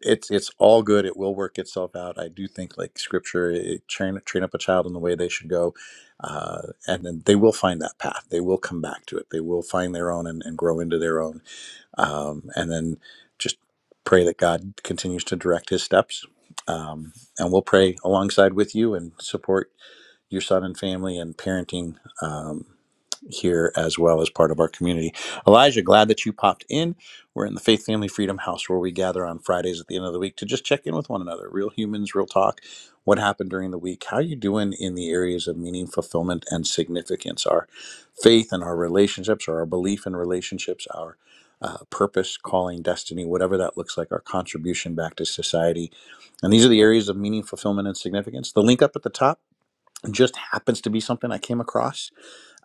Speaker 1: it's it's all good. It will work itself out. I do think like scripture, it, train train up a child in the way they should go, uh, and then they will find that path. They will come back to it. They will find their own and, and grow into their own. Um, and then just pray that God continues to direct His steps. Um, and we'll pray alongside with you and support your son and family and parenting um, here as well as part of our community. Elijah, glad that you popped in. We're in the Faith Family Freedom House where we gather on Fridays at the end of the week to just check in with one another. Real humans, real talk. What happened during the week? How are you doing in the areas of meaning, fulfillment, and significance? Our faith and our relationships, or our belief in relationships, our uh, purpose, calling, destiny, whatever that looks like, our contribution back to society. And these are the areas of meaning, fulfillment, and significance. The link up at the top just happens to be something I came across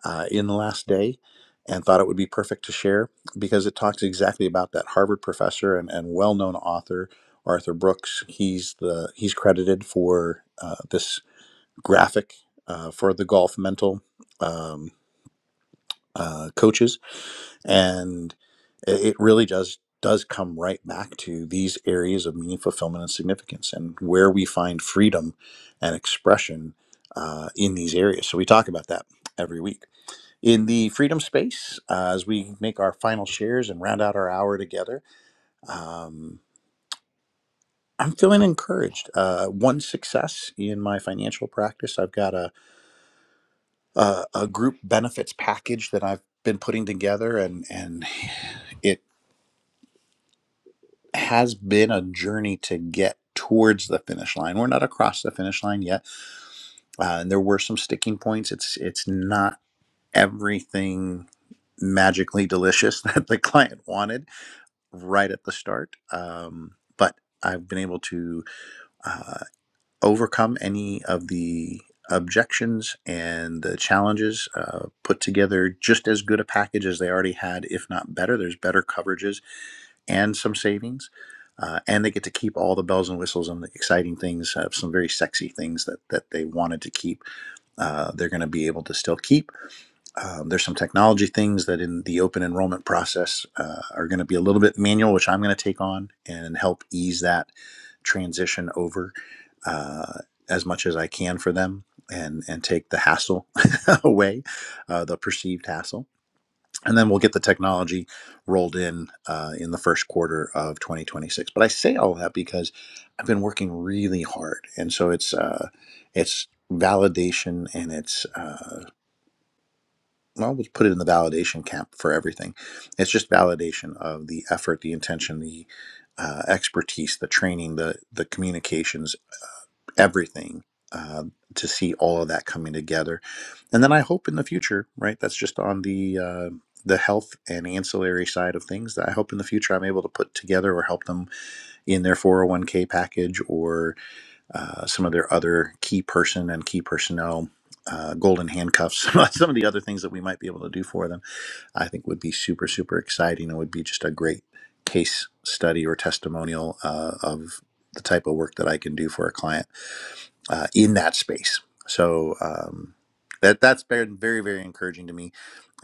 Speaker 1: uh, in the last day and thought it would be perfect to share because it talks exactly about that Harvard professor and, and well known author, Arthur Brooks. He's, the, he's credited for uh, this graphic uh, for the golf mental um, uh, coaches and i- it really does does come right back to these areas of meaning fulfillment and significance and where we find freedom and expression uh, in these areas so we talk about that every week in the freedom space uh, as we make our final shares and round out our hour together um, i'm feeling encouraged uh, one success in my financial practice i've got a, a, a group benefits package that i've been putting together and and it. has been a journey to get towards the finish line. We're not across the finish line yet, uh, and there were some sticking points. It's it's not everything magically delicious that the client wanted right at the start, um, but I've been able to uh, overcome any of the objections and the challenges uh, put together just as good a package as they already had if not better there's better coverages and some savings. Uh, and they get to keep all the bells and whistles and the exciting things, uh, some very sexy things that, that they wanted to keep. Uh, they're going to be able to still keep. Um, there's some technology things that in the open enrollment process uh, are going to be a little bit manual, which I'm going to take on and help ease that transition over uh, as much as I can for them and, and take the hassle away, uh, the perceived hassle and then we'll get the technology rolled in uh, in the first quarter of 2026. But I say all that because I've been working really hard, and so it's uh, it's validation and it's uh, well, we'll put it in the validation camp for everything. It's just validation of the effort, the intention, the uh, expertise, the training, the the communications everything uh, to see all of that coming together. And then I hope in the future, right? That's just on the uh, the health and ancillary side of things. That I hope in the future I'm able to put together or help them in their 401k package or uh, some of their other key person and key personnel. Uh, golden handcuffs, some of the other things that we might be able to do for them, I think would be super, super exciting and would be just a great case study or testimonial uh, of the type of work that I can do for a client uh, in that space. So um, that that's been very very encouraging to me,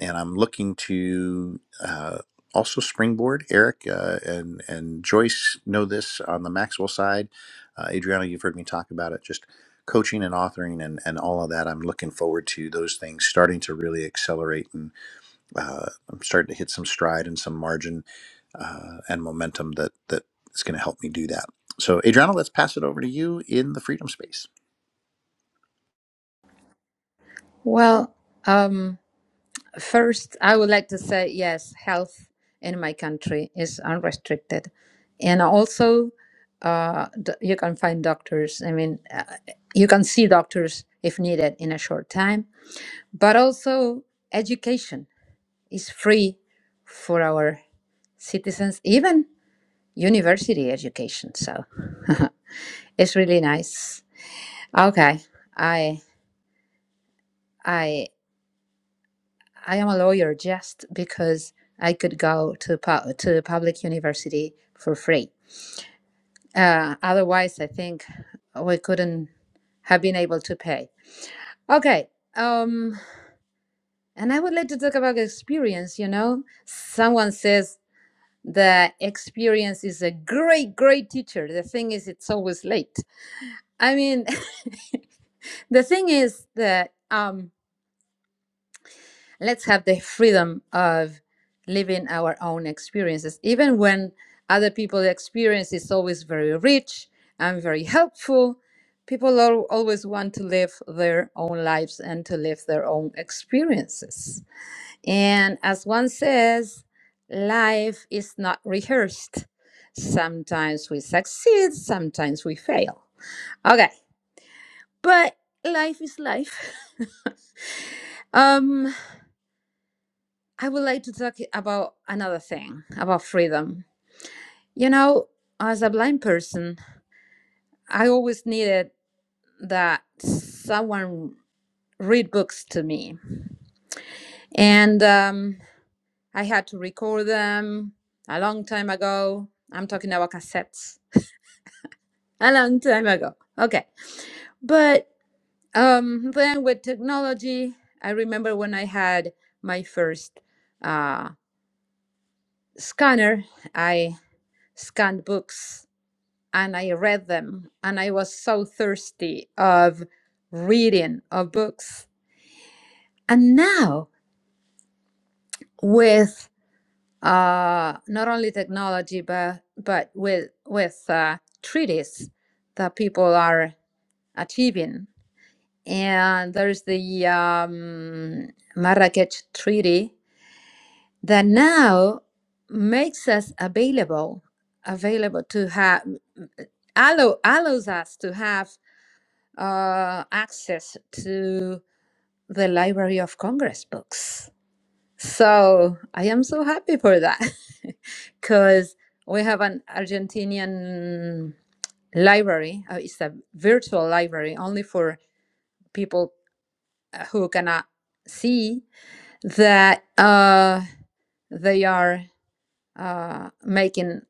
Speaker 1: and I'm looking to uh, also springboard. Eric uh, and and Joyce know this on the Maxwell side. Uh, Adriana, you've heard me talk about it. Just coaching and authoring and, and all of that. I'm looking forward to those things starting to really accelerate, and uh, I'm starting to hit some stride and some margin uh, and momentum that that is going to help me do that. So, Adriana, let's pass it over to you in the freedom space.
Speaker 2: Well, um, first, I would like to say yes, health in my country is unrestricted. And also, uh, d- you can find doctors. I mean, uh, you can see doctors if needed in a short time. But also, education is free for our citizens, even. university education. So it's really nice. Okay, I I I am a lawyer just because I could go to pu- to public university for free. Uh, otherwise, I think we couldn't have been able to pay. Okay. Um, and I would like to talk about experience. You know, someone says the experience is a great, great teacher. The thing is, it's always late. I mean, The thing is that um, let's have the freedom of living our own experiences, even when other people's experience is always very rich and very helpful. People al- always want to live their own lives and to live their own experiences. And as one says, life is not rehearsed. Sometimes we succeed, sometimes we fail. Okay, but life is life. Um, I would like to talk about another thing about freedom. You know, as a blind person, I always needed that someone read books to me, and um, I had to record them a long time ago. I'm talking about cassettes, a long time ago. Okay, but um, then with technology, I remember when I had my first uh, scanner, I scanned books and I read them and I was so thirsty of reading of books. And now with uh, not only technology but but with with uh, treaties that people are achieving, and there's the um, Marrakech Treaty that now makes us available available to have allow allows us to have uh, access to the Library of Congress books. So I am so happy for that because we have an Argentinian library. Uh, it's a virtual library only for people uh, who cannot see that uh, they are uh, making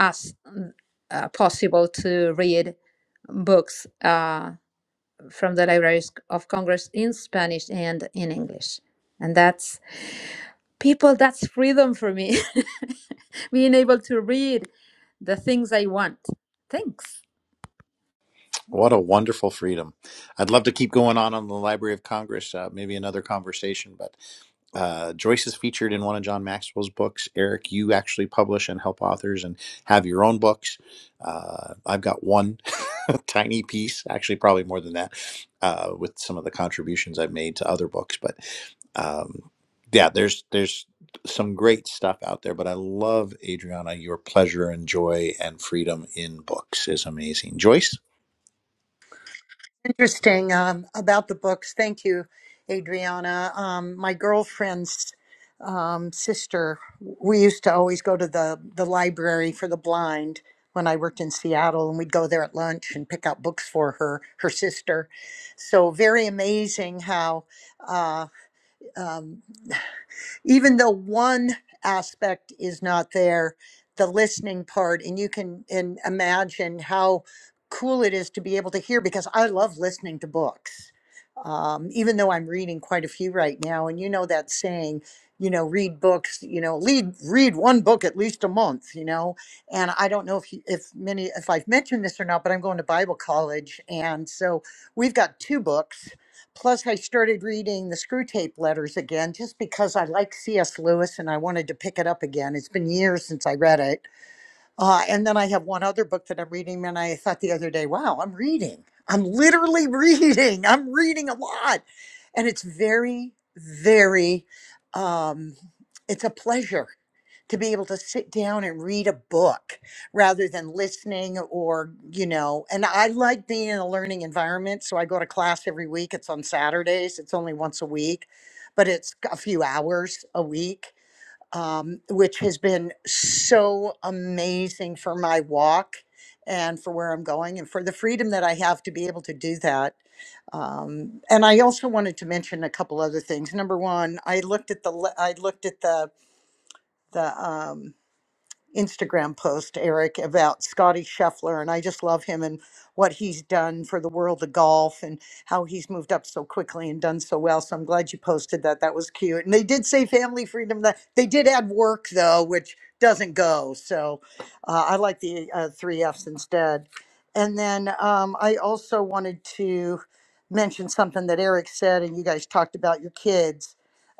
Speaker 2: us mm, uh, possible to read books uh, from the Library of Congress in Spanish and in English. And that's people, that's freedom for me, being able to read the things I want. Thanks.
Speaker 1: What a wonderful freedom. I'd love to keep going on on the Library of Congress, uh, maybe another conversation, but uh, Joyce is featured in one of John Maxwell's books. Eric, you actually publish and help authors and have your own books. Uh, I've got one tiny piece, actually, probably more than that, uh, with some of the contributions I've made to other books. But um, yeah, there's there's some great stuff out there. But I love Adriana, your pleasure and joy and freedom in books is amazing. Joyce.
Speaker 4: Interesting um, about the books. Thank you, Adriana. Um, my girlfriend's um, sister, we used to always go to the, the library for the blind when I worked in Seattle, and we'd go there at lunch and pick out books for her, her sister. So, very amazing how. Uh, um, even though one aspect is not there, the listening part, and you can and imagine how cool it is to be able to hear because I love listening to books. Um, even though I'm reading quite a few right now, and you know that saying, you know, read books, you know, lead, read one book at least a month, you know. And I don't know if you, if many if I've mentioned this or not, but I'm going to Bible college, and so we've got two books Plus, I started reading the Screw Tape Letters again just because I like C.S. Lewis and I wanted to pick it up again. It's been years since I read it uh, and then I have one other book that I'm reading, and I thought the other day, wow, I'm reading. I'm literally reading. I'm reading a lot. And it's very, very, um, it's a pleasure to be able to sit down and read a book rather than listening or, you know, and I like being in a learning environment. So I go to class every week. It's on Saturdays, it's only once a week, but it's a few hours a week um, which has been so amazing for my walk and for where I'm going and for the freedom that I have to be able to do that. Um, and I also wanted to mention a couple other things. Number one, I looked at the le- I looked at the the um, Instagram post, Eric, about Scotty Scheffler, and I just love him and what he's done for the world of golf and how he's moved up so quickly and done so well. So I'm glad you posted that. That was cute. And they did say family freedom. That they did add work though, which doesn't go. So uh, I like the uh, three Fs instead. And then um, I also wanted to mention something that Eric said, and you guys talked about your kids.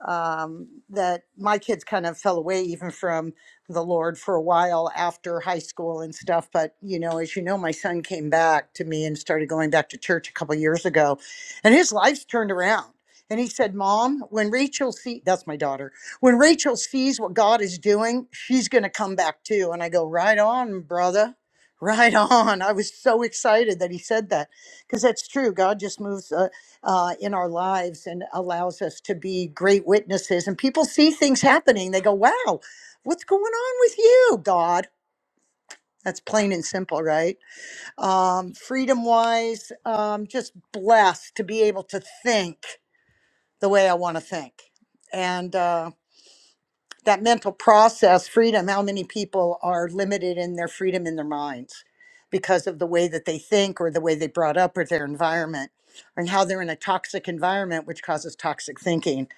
Speaker 4: Um, that my kids kind of fell away even from the Lord for a while after high school and stuff. But, you know, as you know, my son came back to me and started going back to church a couple years ago, and his life's turned around. And he said, Mom, when Rachel see that's my daughter, when Rachel sees what God is doing, she's going to come back too. And I go, Right on, brother. Right on. I was so excited that he said that because that's true. God just moves uh, uh, in our lives and allows us to be great witnesses. And people see things happening. They go, wow, what's going on with you god that's plain and simple right um freedom wise um just blessed to be able to think the way i want to think and uh that mental process freedom how many people are limited in their freedom in their minds because of the way that they think or the way they brought up or their environment and how they're in a toxic environment which causes toxic thinking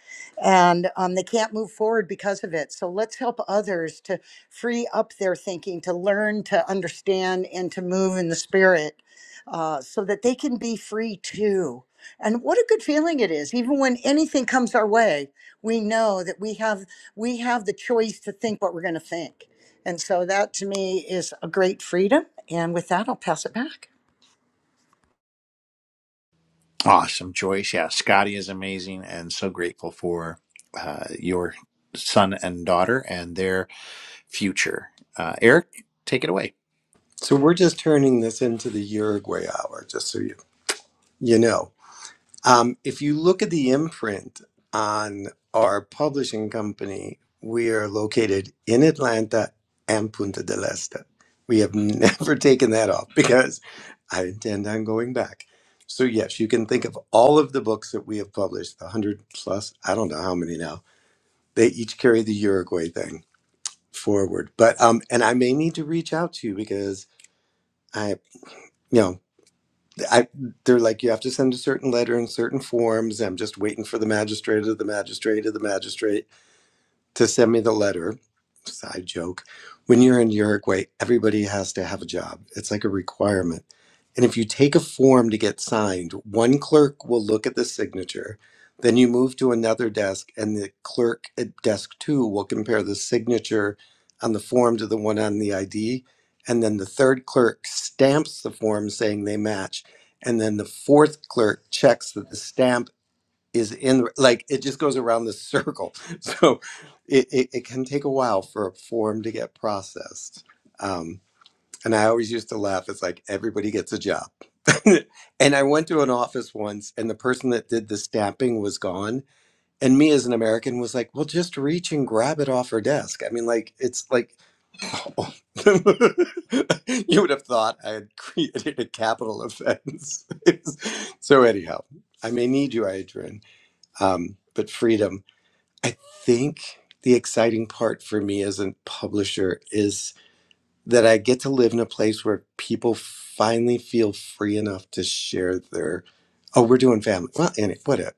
Speaker 4: and um, they can't move forward because of it so let's help others to free up their thinking to learn to understand and to move in the spirit uh, so that they can be free too and what a good feeling it is even when anything comes our way we know that we have we have the choice to think what we're going to think and so that to me is a great freedom and with that i'll pass it back
Speaker 1: Awesome, Joyce. Yeah, Scotty is amazing and so grateful for uh, your son and daughter and their future. Uh, Eric, take it away.
Speaker 3: So we're just turning this into the Uruguay hour, just so you you know. Um, if you look at the imprint on our publishing company, we are located in Atlanta and Punta del Este. We have never taken that off because I intend on going back. So, yes, you can think of all of the books that we have published, the 100 plus, I don't know how many now, they each carry the Uruguay thing forward. But, um, and I may need to reach out to you because I, you know, I they're like you have to send a certain letter in certain forms. I'm just waiting for the magistrate or the magistrate or the magistrate to send me the letter. Side joke. When you're in Uruguay, everybody has to have a job. It's like a requirement. And if you take a form to get signed, one clerk will look at the signature. Then you move to another desk, and the clerk at desk two will compare the signature on the form to the one on the ID. And then the third clerk stamps the form saying they match. And then the fourth clerk checks that the stamp is in like it just goes around this circle so it, it, it can take a while for a form to get processed um, and i always used to laugh it's like everybody gets a job and i went to an office once and the person that did the stamping was gone and me as an american was like well just reach and grab it off her desk i mean like it's like oh. you would have thought i had created a capital offense so anyhow i may need you adrian um, but freedom. I think the exciting part for me as a publisher is that I get to live in a place where people finally feel free enough to share their, oh, we're doing family. Well, and it, what it,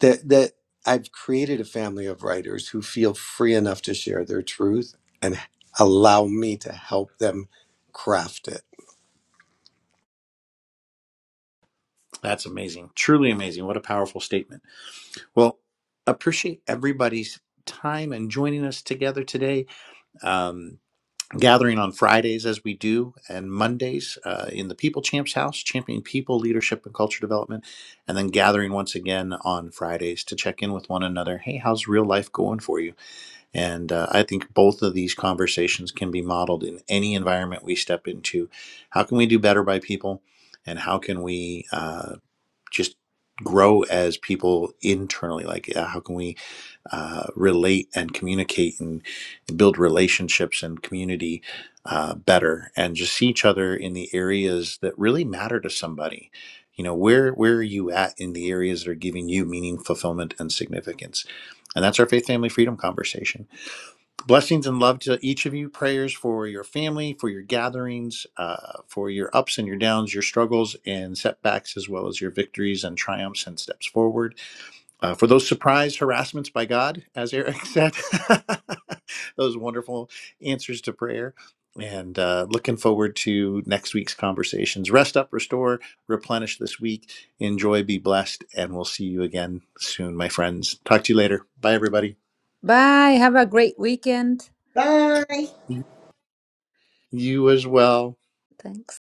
Speaker 3: that, that I've created a family of writers who feel free enough to share their truth and allow me to help them craft it
Speaker 1: That's amazing. Truly amazing. What a powerful statement. Well, appreciate everybody's time and joining us together today. Um, gathering on Fridays as we do and Mondays uh, in the People Champs House, championing people, leadership, and culture development. And then gathering once again on Fridays to check in with one another. Hey, how's real life going for you? And uh, I think both of these conversations can be modeled in any environment we step into. How can we do better by people? And how can we uh, just grow as people internally? Like, uh, how can we uh, relate and communicate and build relationships and community uh, better and just see each other in the areas that really matter to somebody? You know, where, where are you at in the areas that are giving you meaning, fulfillment, and significance? And that's our faith, family, freedom conversation Blessings and love to each of you. Prayers for your family, for your gatherings, uh, for your ups and your downs, your struggles and setbacks, as well as your victories and triumphs and steps forward. Uh, for those surprise harassments by God, as Eric said, those wonderful answers to prayer. And uh, looking forward to next week's conversations. Rest up, restore, replenish this week. Enjoy, be blessed, and we'll see you again soon, my friends. Talk to you later. Bye, everybody.
Speaker 2: Bye. Have a great weekend.
Speaker 4: Bye.
Speaker 1: You as well.
Speaker 2: Thanks.